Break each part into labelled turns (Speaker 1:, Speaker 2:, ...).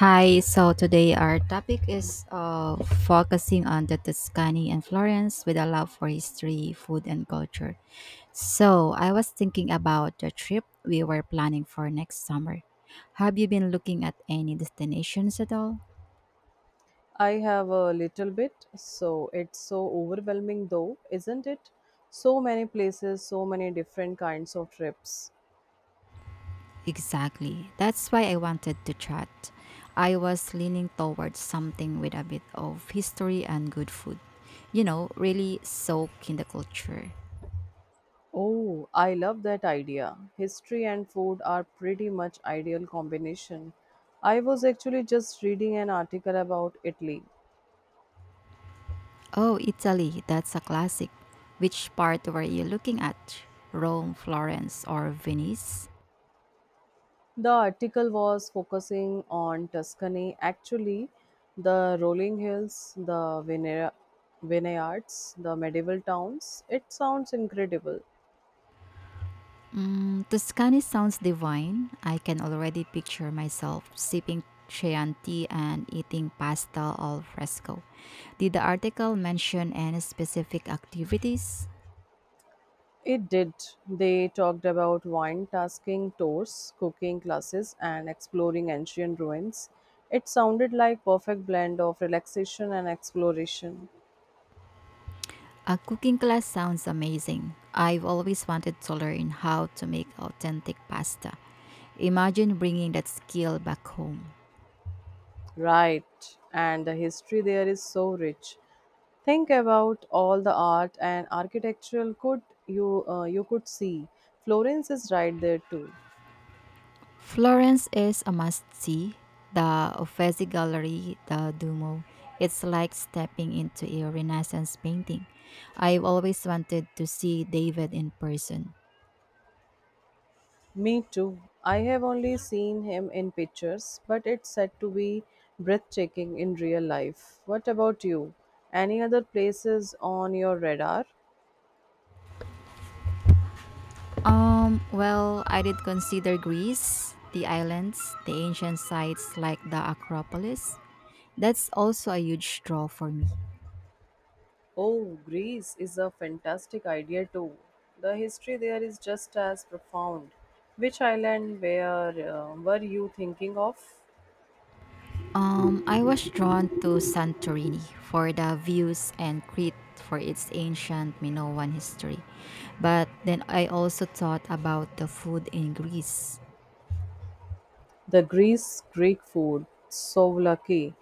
Speaker 1: Hi, so today our topic is focusing on the Tuscany and Florence with a love for history, food, and culture. So I was thinking about the trip we were planning for next summer. Have you been looking at any destinations at all?
Speaker 2: I have a little bit, so it's so overwhelming though, isn't it? So many places, so many different kinds of trips.
Speaker 1: Exactly. That's why I wanted to chat. I was leaning towards something with a bit of history and good food. You know, really soak in the culture.
Speaker 2: Oh, I love that idea. History and food are pretty much ideal combination. I was actually just reading an article about Italy.
Speaker 1: Oh, Italy, that's a classic. Which part were you looking at? Rome, Florence, or Venice?
Speaker 2: The article was focusing on Tuscany, actually, the rolling hills, the vineyards, the medieval towns. It sounds incredible.
Speaker 1: Mm, Tuscany sounds divine. I can already picture myself sipping Chianti and eating pasta al fresco. Did the article mention any specific activities?
Speaker 2: It did. They talked about wine tasking tours, cooking classes, and exploring ancient ruins. It sounded like perfect blend of relaxation and exploration.
Speaker 1: A cooking class sounds amazing. I've always wanted to learn how to make authentic pasta. Imagine bringing that skill back home.
Speaker 2: Right, and the history there is so rich. Think about all the art and architectural could you you could see. Florence is right there too.
Speaker 1: Florence is a must see. The Uffizi Gallery, the Duomo. It's like stepping into a Renaissance painting. I've always wanted to see David in person.
Speaker 2: Me too. I have only seen him in pictures, but it's said to be breathtaking in real life. What about you? Any other places on your radar?
Speaker 1: Well, I did consider Greece, the islands, the ancient sites like the Acropolis. That's also a huge draw for me.
Speaker 2: Oh, Greece is a fantastic idea too. The history there is just as profound. Which island were you thinking of?
Speaker 1: I was drawn to Santorini for the views and Crete for its ancient Minoan history. But then I also thought about the food in Greece.
Speaker 2: The Greece Greek food, souvlaki,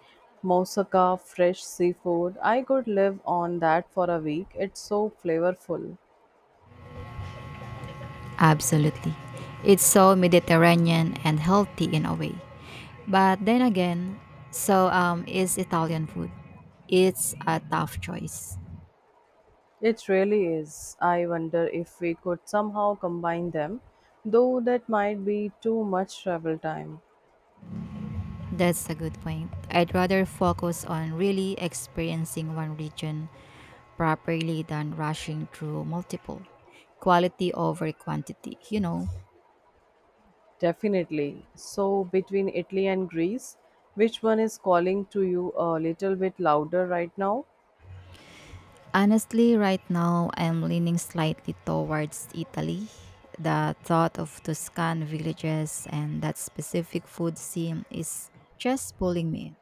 Speaker 2: moussaka, fresh seafood. I could live on that for a week. It's so flavorful.
Speaker 1: Absolutely. It's so Mediterranean and healthy in a way. But then again, so is Italian food. It's a tough choice.
Speaker 2: It really is. I wonder if we could somehow combine them, though that might be too much travel time.
Speaker 1: That's a good point. I'd rather focus on really experiencing one region properly than rushing through multiple. Quality over quantity, you know.
Speaker 2: Definitely. So, between Italy and Greece, which one is calling to you a little bit louder right now?
Speaker 1: Honestly, right now I'm leaning slightly towards Italy. The thought of Tuscan villages and that specific food scene is just pulling me in.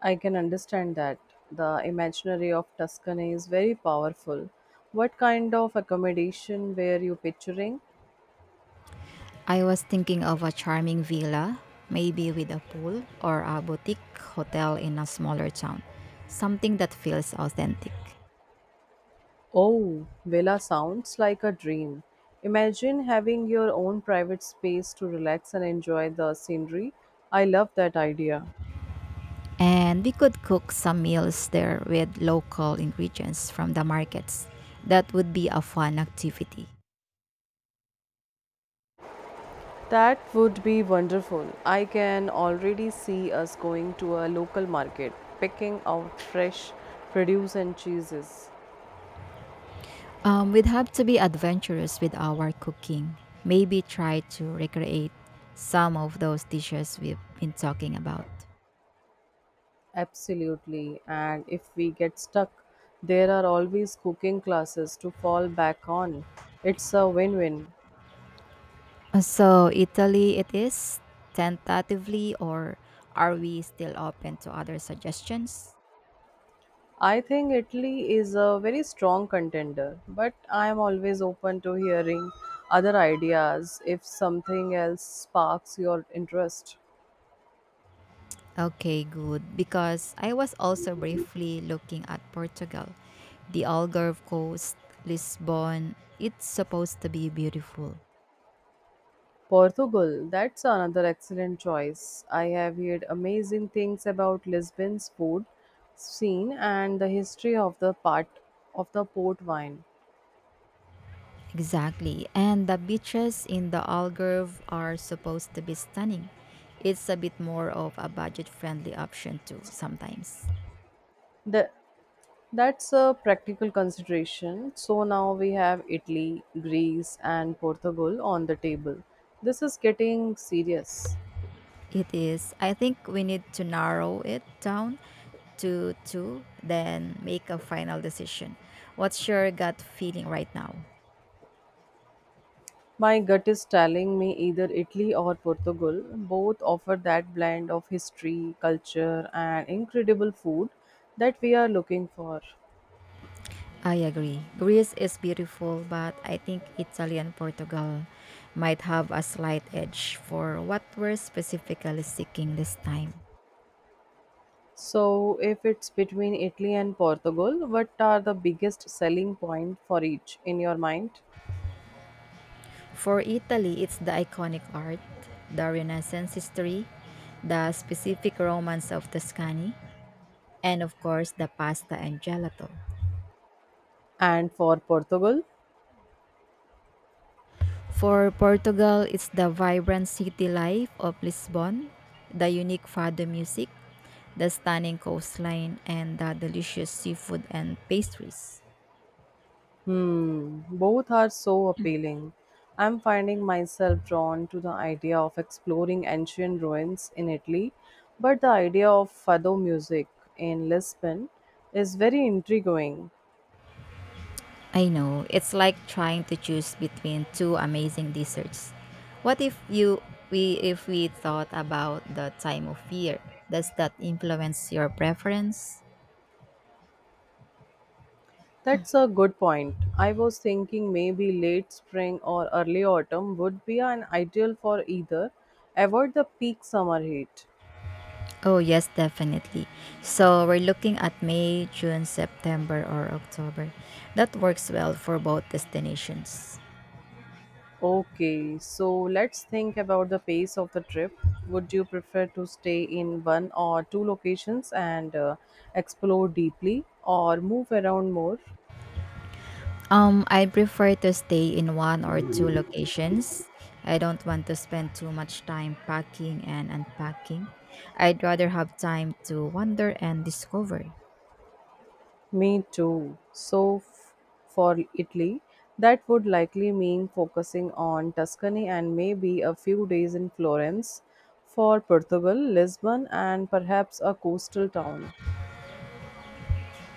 Speaker 2: I can understand that. The imaginary of Tuscany is very powerful. What kind of accommodation were you picturing?
Speaker 1: I was thinking of a charming villa, maybe with a pool or a boutique hotel in a smaller town. Something that feels authentic.
Speaker 2: Oh, villa sounds like a dream. Imagine having your own private space to relax and enjoy the scenery. I love that idea.
Speaker 1: And we could cook some meals there with local ingredients from the markets. That would be a fun activity.
Speaker 2: That would be wonderful. I can already see us going to a local market, picking out fresh produce and cheeses.
Speaker 1: We'd have to be adventurous with our cooking. Maybe try to recreate some of those dishes we've been talking about.
Speaker 2: Absolutely. And if we get stuck, there are always cooking classes to fall back on. It's a win win.
Speaker 1: So, Italy it is, tentatively, or are we still open to other suggestions?
Speaker 2: I think Italy is a very strong contender, but I am always open to hearing other ideas if something else sparks your interest.
Speaker 1: Okay, good. Because I was also briefly looking at Portugal, the Algarve coast, Lisbon. It's supposed to be beautiful.
Speaker 2: Portugal, that's another excellent choice. I have heard amazing things about Lisbon's food scene and the history of the part of the port wine.
Speaker 1: Exactly. And the beaches in the Algarve are supposed to be stunning. It's a bit more of a budget friendly option too sometimes.
Speaker 2: The That's a practical consideration. So now we have Italy, Greece, and Portugal on the table. This is getting serious.
Speaker 1: It is. I think we need to narrow it down to two, then make a final decision. What's your gut feeling right now?
Speaker 2: My gut is telling me either Italy or Portugal. Both offer that blend of history, culture, and incredible food that we are looking for.
Speaker 1: I agree. Greece is beautiful, but I think Italy and Portugal might have a slight edge for what we're specifically seeking this time.
Speaker 2: So, if it's between Italy and Portugal, what are the biggest selling point for each in your mind?
Speaker 1: For Italy, it's the iconic art, the Renaissance history, the specific romance of Tuscany, and of course, the pasta and gelato.
Speaker 2: And for Portugal,
Speaker 1: For Portugal, it's the vibrant city life of Lisbon, the unique fado music, the stunning coastline, and the delicious seafood and pastries.
Speaker 2: hmm, both are so appealing. I'm finding myself drawn to the idea of exploring ancient ruins in Italy, but the idea of fado music in Lisbon is very intriguing.
Speaker 1: I know. It's like trying to choose between two amazing desserts. What if we thought about the time of year? Does that influence your preference?
Speaker 2: That's a good point. I was thinking maybe late spring or early autumn would be an ideal for either, avoid the peak summer heat.
Speaker 1: Oh, yes, definitely. So, we're looking at May, June, September or October. That works well for both destinations.
Speaker 2: Okay, so let's think about the pace of the trip. Would you prefer to stay in one or two locations and explore deeply or move around more?
Speaker 1: I prefer to stay in one or two locations. I don't want to spend too much time packing and unpacking. I'd rather have time to wander and discover.
Speaker 2: Me too. So, for Italy, that would likely mean focusing on Tuscany and maybe a few days in Florence. For Portugal, Lisbon, and perhaps a coastal town.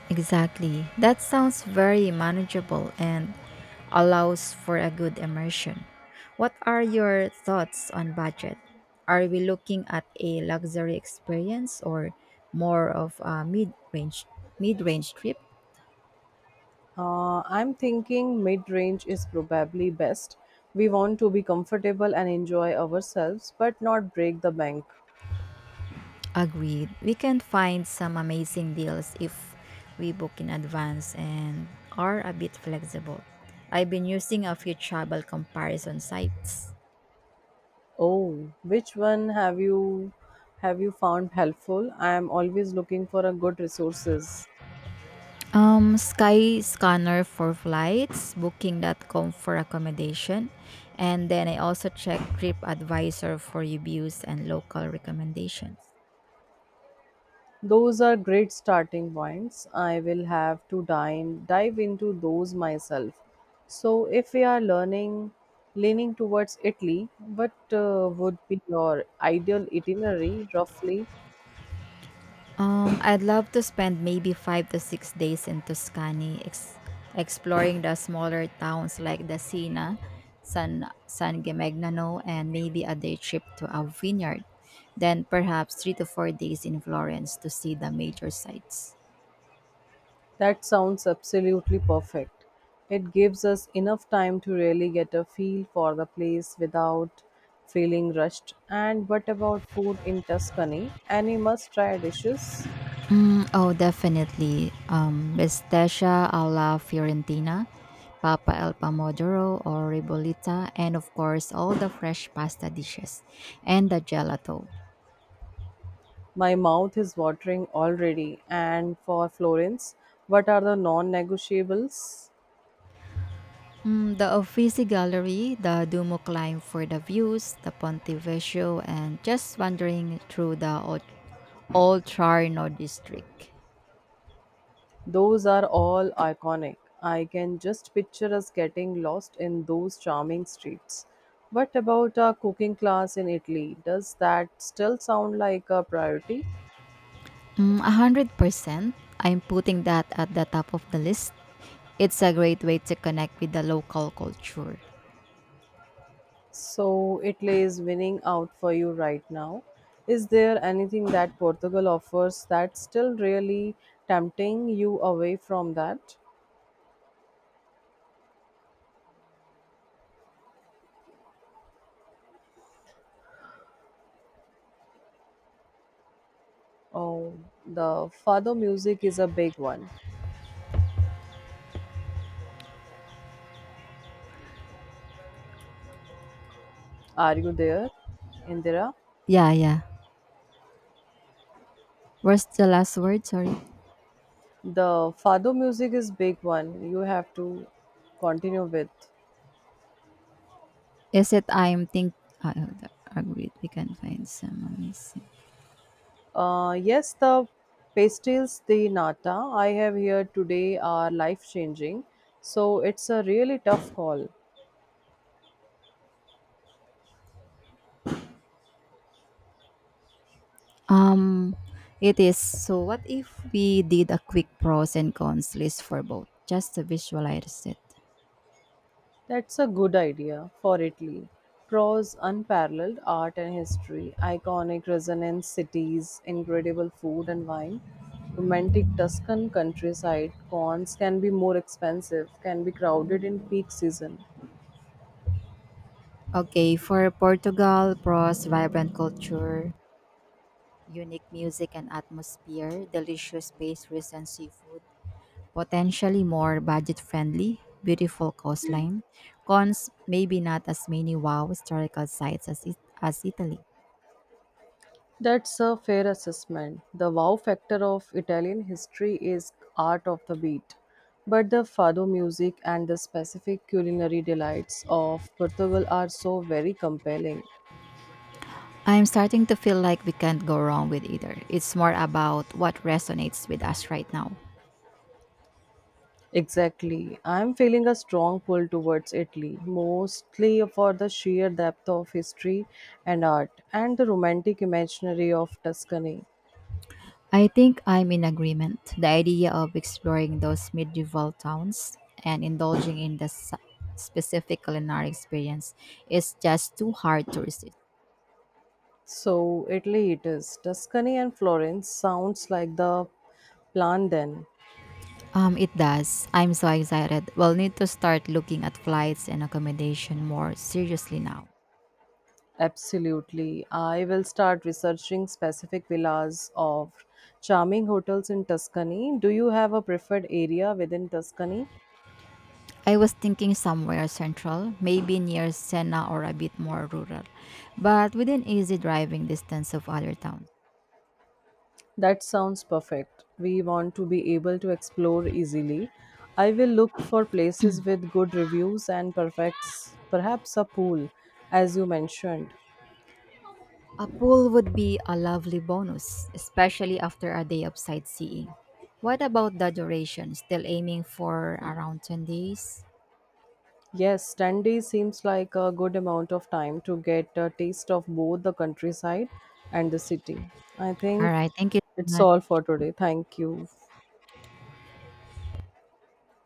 Speaker 1: Exactly. That sounds very manageable and allows for a good immersion. What are your thoughts on budget? Are we looking at a luxury experience or more of a mid-range trip?
Speaker 2: I'm thinking mid range is probably best. We want to be comfortable and enjoy ourselves, but not break the bank.
Speaker 1: Agreed. We can find some amazing deals if we book in advance and are a bit flexible. I've been using a few travel comparison sites.
Speaker 2: Oh, which one have you found helpful? I am always looking for a good resources.
Speaker 1: Skyscanner for flights, booking.com for accommodation, and then I also check TripAdvisor for reviews and local recommendations.
Speaker 2: Those are great starting points. I will have to dive into those myself. So, if we leaning towards Italy, what would be your ideal itinerary roughly?
Speaker 1: I'd love to spend maybe 5 to 6 days in Tuscany, exploring the smaller towns like Dasina, San Gimignano, and maybe a day trip to a vineyard. Then perhaps 3 to 4 days in Florence to see the major sites.
Speaker 2: That sounds absolutely perfect. It gives us enough time to really get a feel for the place without feeling rushed. And what about food in Tuscany? Any must try dishes?
Speaker 1: Oh, Definitely. Bisteccia alla Fiorentina, Papa El Pomodoro or Ribolita, and of course all the fresh pasta dishes and the gelato.
Speaker 2: My mouth is watering already. And for Florence, what are the non negotiables?
Speaker 1: Mm, the Uffizi Gallery, the Duomo climb for the views, the Ponte Vecchio, and just wandering through the old district.
Speaker 2: Those are all iconic. I can just picture us getting lost in those charming streets. What about a cooking class in Italy? Does that still sound like a priority?
Speaker 1: Mm, 100%. I'm putting that at the top of the list. It's a great way to connect with the local culture.
Speaker 2: So, Italy is winning out for you right now. Is there anything that Portugal offers that's still really tempting you away from that? Oh, the fado music is a big one. Are you there, Indira?
Speaker 1: Yeah, yeah. Where's the last word? Sorry.
Speaker 2: The fado music is big one you have to continue with.
Speaker 1: Is it? I agreed we can find some amazing.
Speaker 2: Yes, the pastils de nata I have here today are life changing, so it's a really tough call.
Speaker 1: Um, it is. So, what if we did a quick pros and cons list for both, just to visualize it?
Speaker 2: That's a good idea for Italy. Prose, unparalleled art and history, iconic resonance cities, incredible food and wine, romantic Tuscan countryside. Cons can be more expensive, can be crowded in peak season.
Speaker 1: Okay, for Portugal, pros, vibrant culture, unique music and atmosphere, delicious pastries and seafood, potentially more budget friendly, beautiful coastline. Cons, maybe not as many wow historical sites as, it, as Italy.
Speaker 2: That's a fair assessment. The wow factor of Italian history is art of the beat, but the fado music and the specific culinary delights of Portugal are so very compelling.
Speaker 1: I'm starting to feel like we can't go wrong with either. It's more about what resonates with us right now.
Speaker 2: Exactly. I'm feeling a strong pull towards Italy, mostly for the sheer depth of history and art and the romantic imaginary of Tuscany.
Speaker 1: I think I'm in agreement. The idea of exploring those medieval towns and indulging in the specific culinary experience is just too hard to resist.
Speaker 2: So, Italy it is. Tuscany and Florence sounds like the plan then.
Speaker 1: It does. I'm so excited. We'll need to start looking at flights and accommodation more seriously now.
Speaker 2: Absolutely. I will start researching specific villas of charming hotels in Tuscany. Do you have a preferred area within Tuscany?
Speaker 1: I was thinking somewhere central, maybe near Sena or a bit more rural, but within easy driving distance of other towns.
Speaker 2: That sounds perfect. We want to be able to explore easily. I will look for places with good reviews and perfects, perhaps a pool, as you mentioned.
Speaker 1: A pool would be a lovely bonus, especially after a day of sightseeing. What about the duration? Still aiming for around 10 days?
Speaker 2: Yes, 10 days seems like a good amount of time to get a taste of both the countryside and the city. I
Speaker 1: All
Speaker 2: think
Speaker 1: right. Thank you so
Speaker 2: it's all
Speaker 1: much.
Speaker 2: for today. Thank you.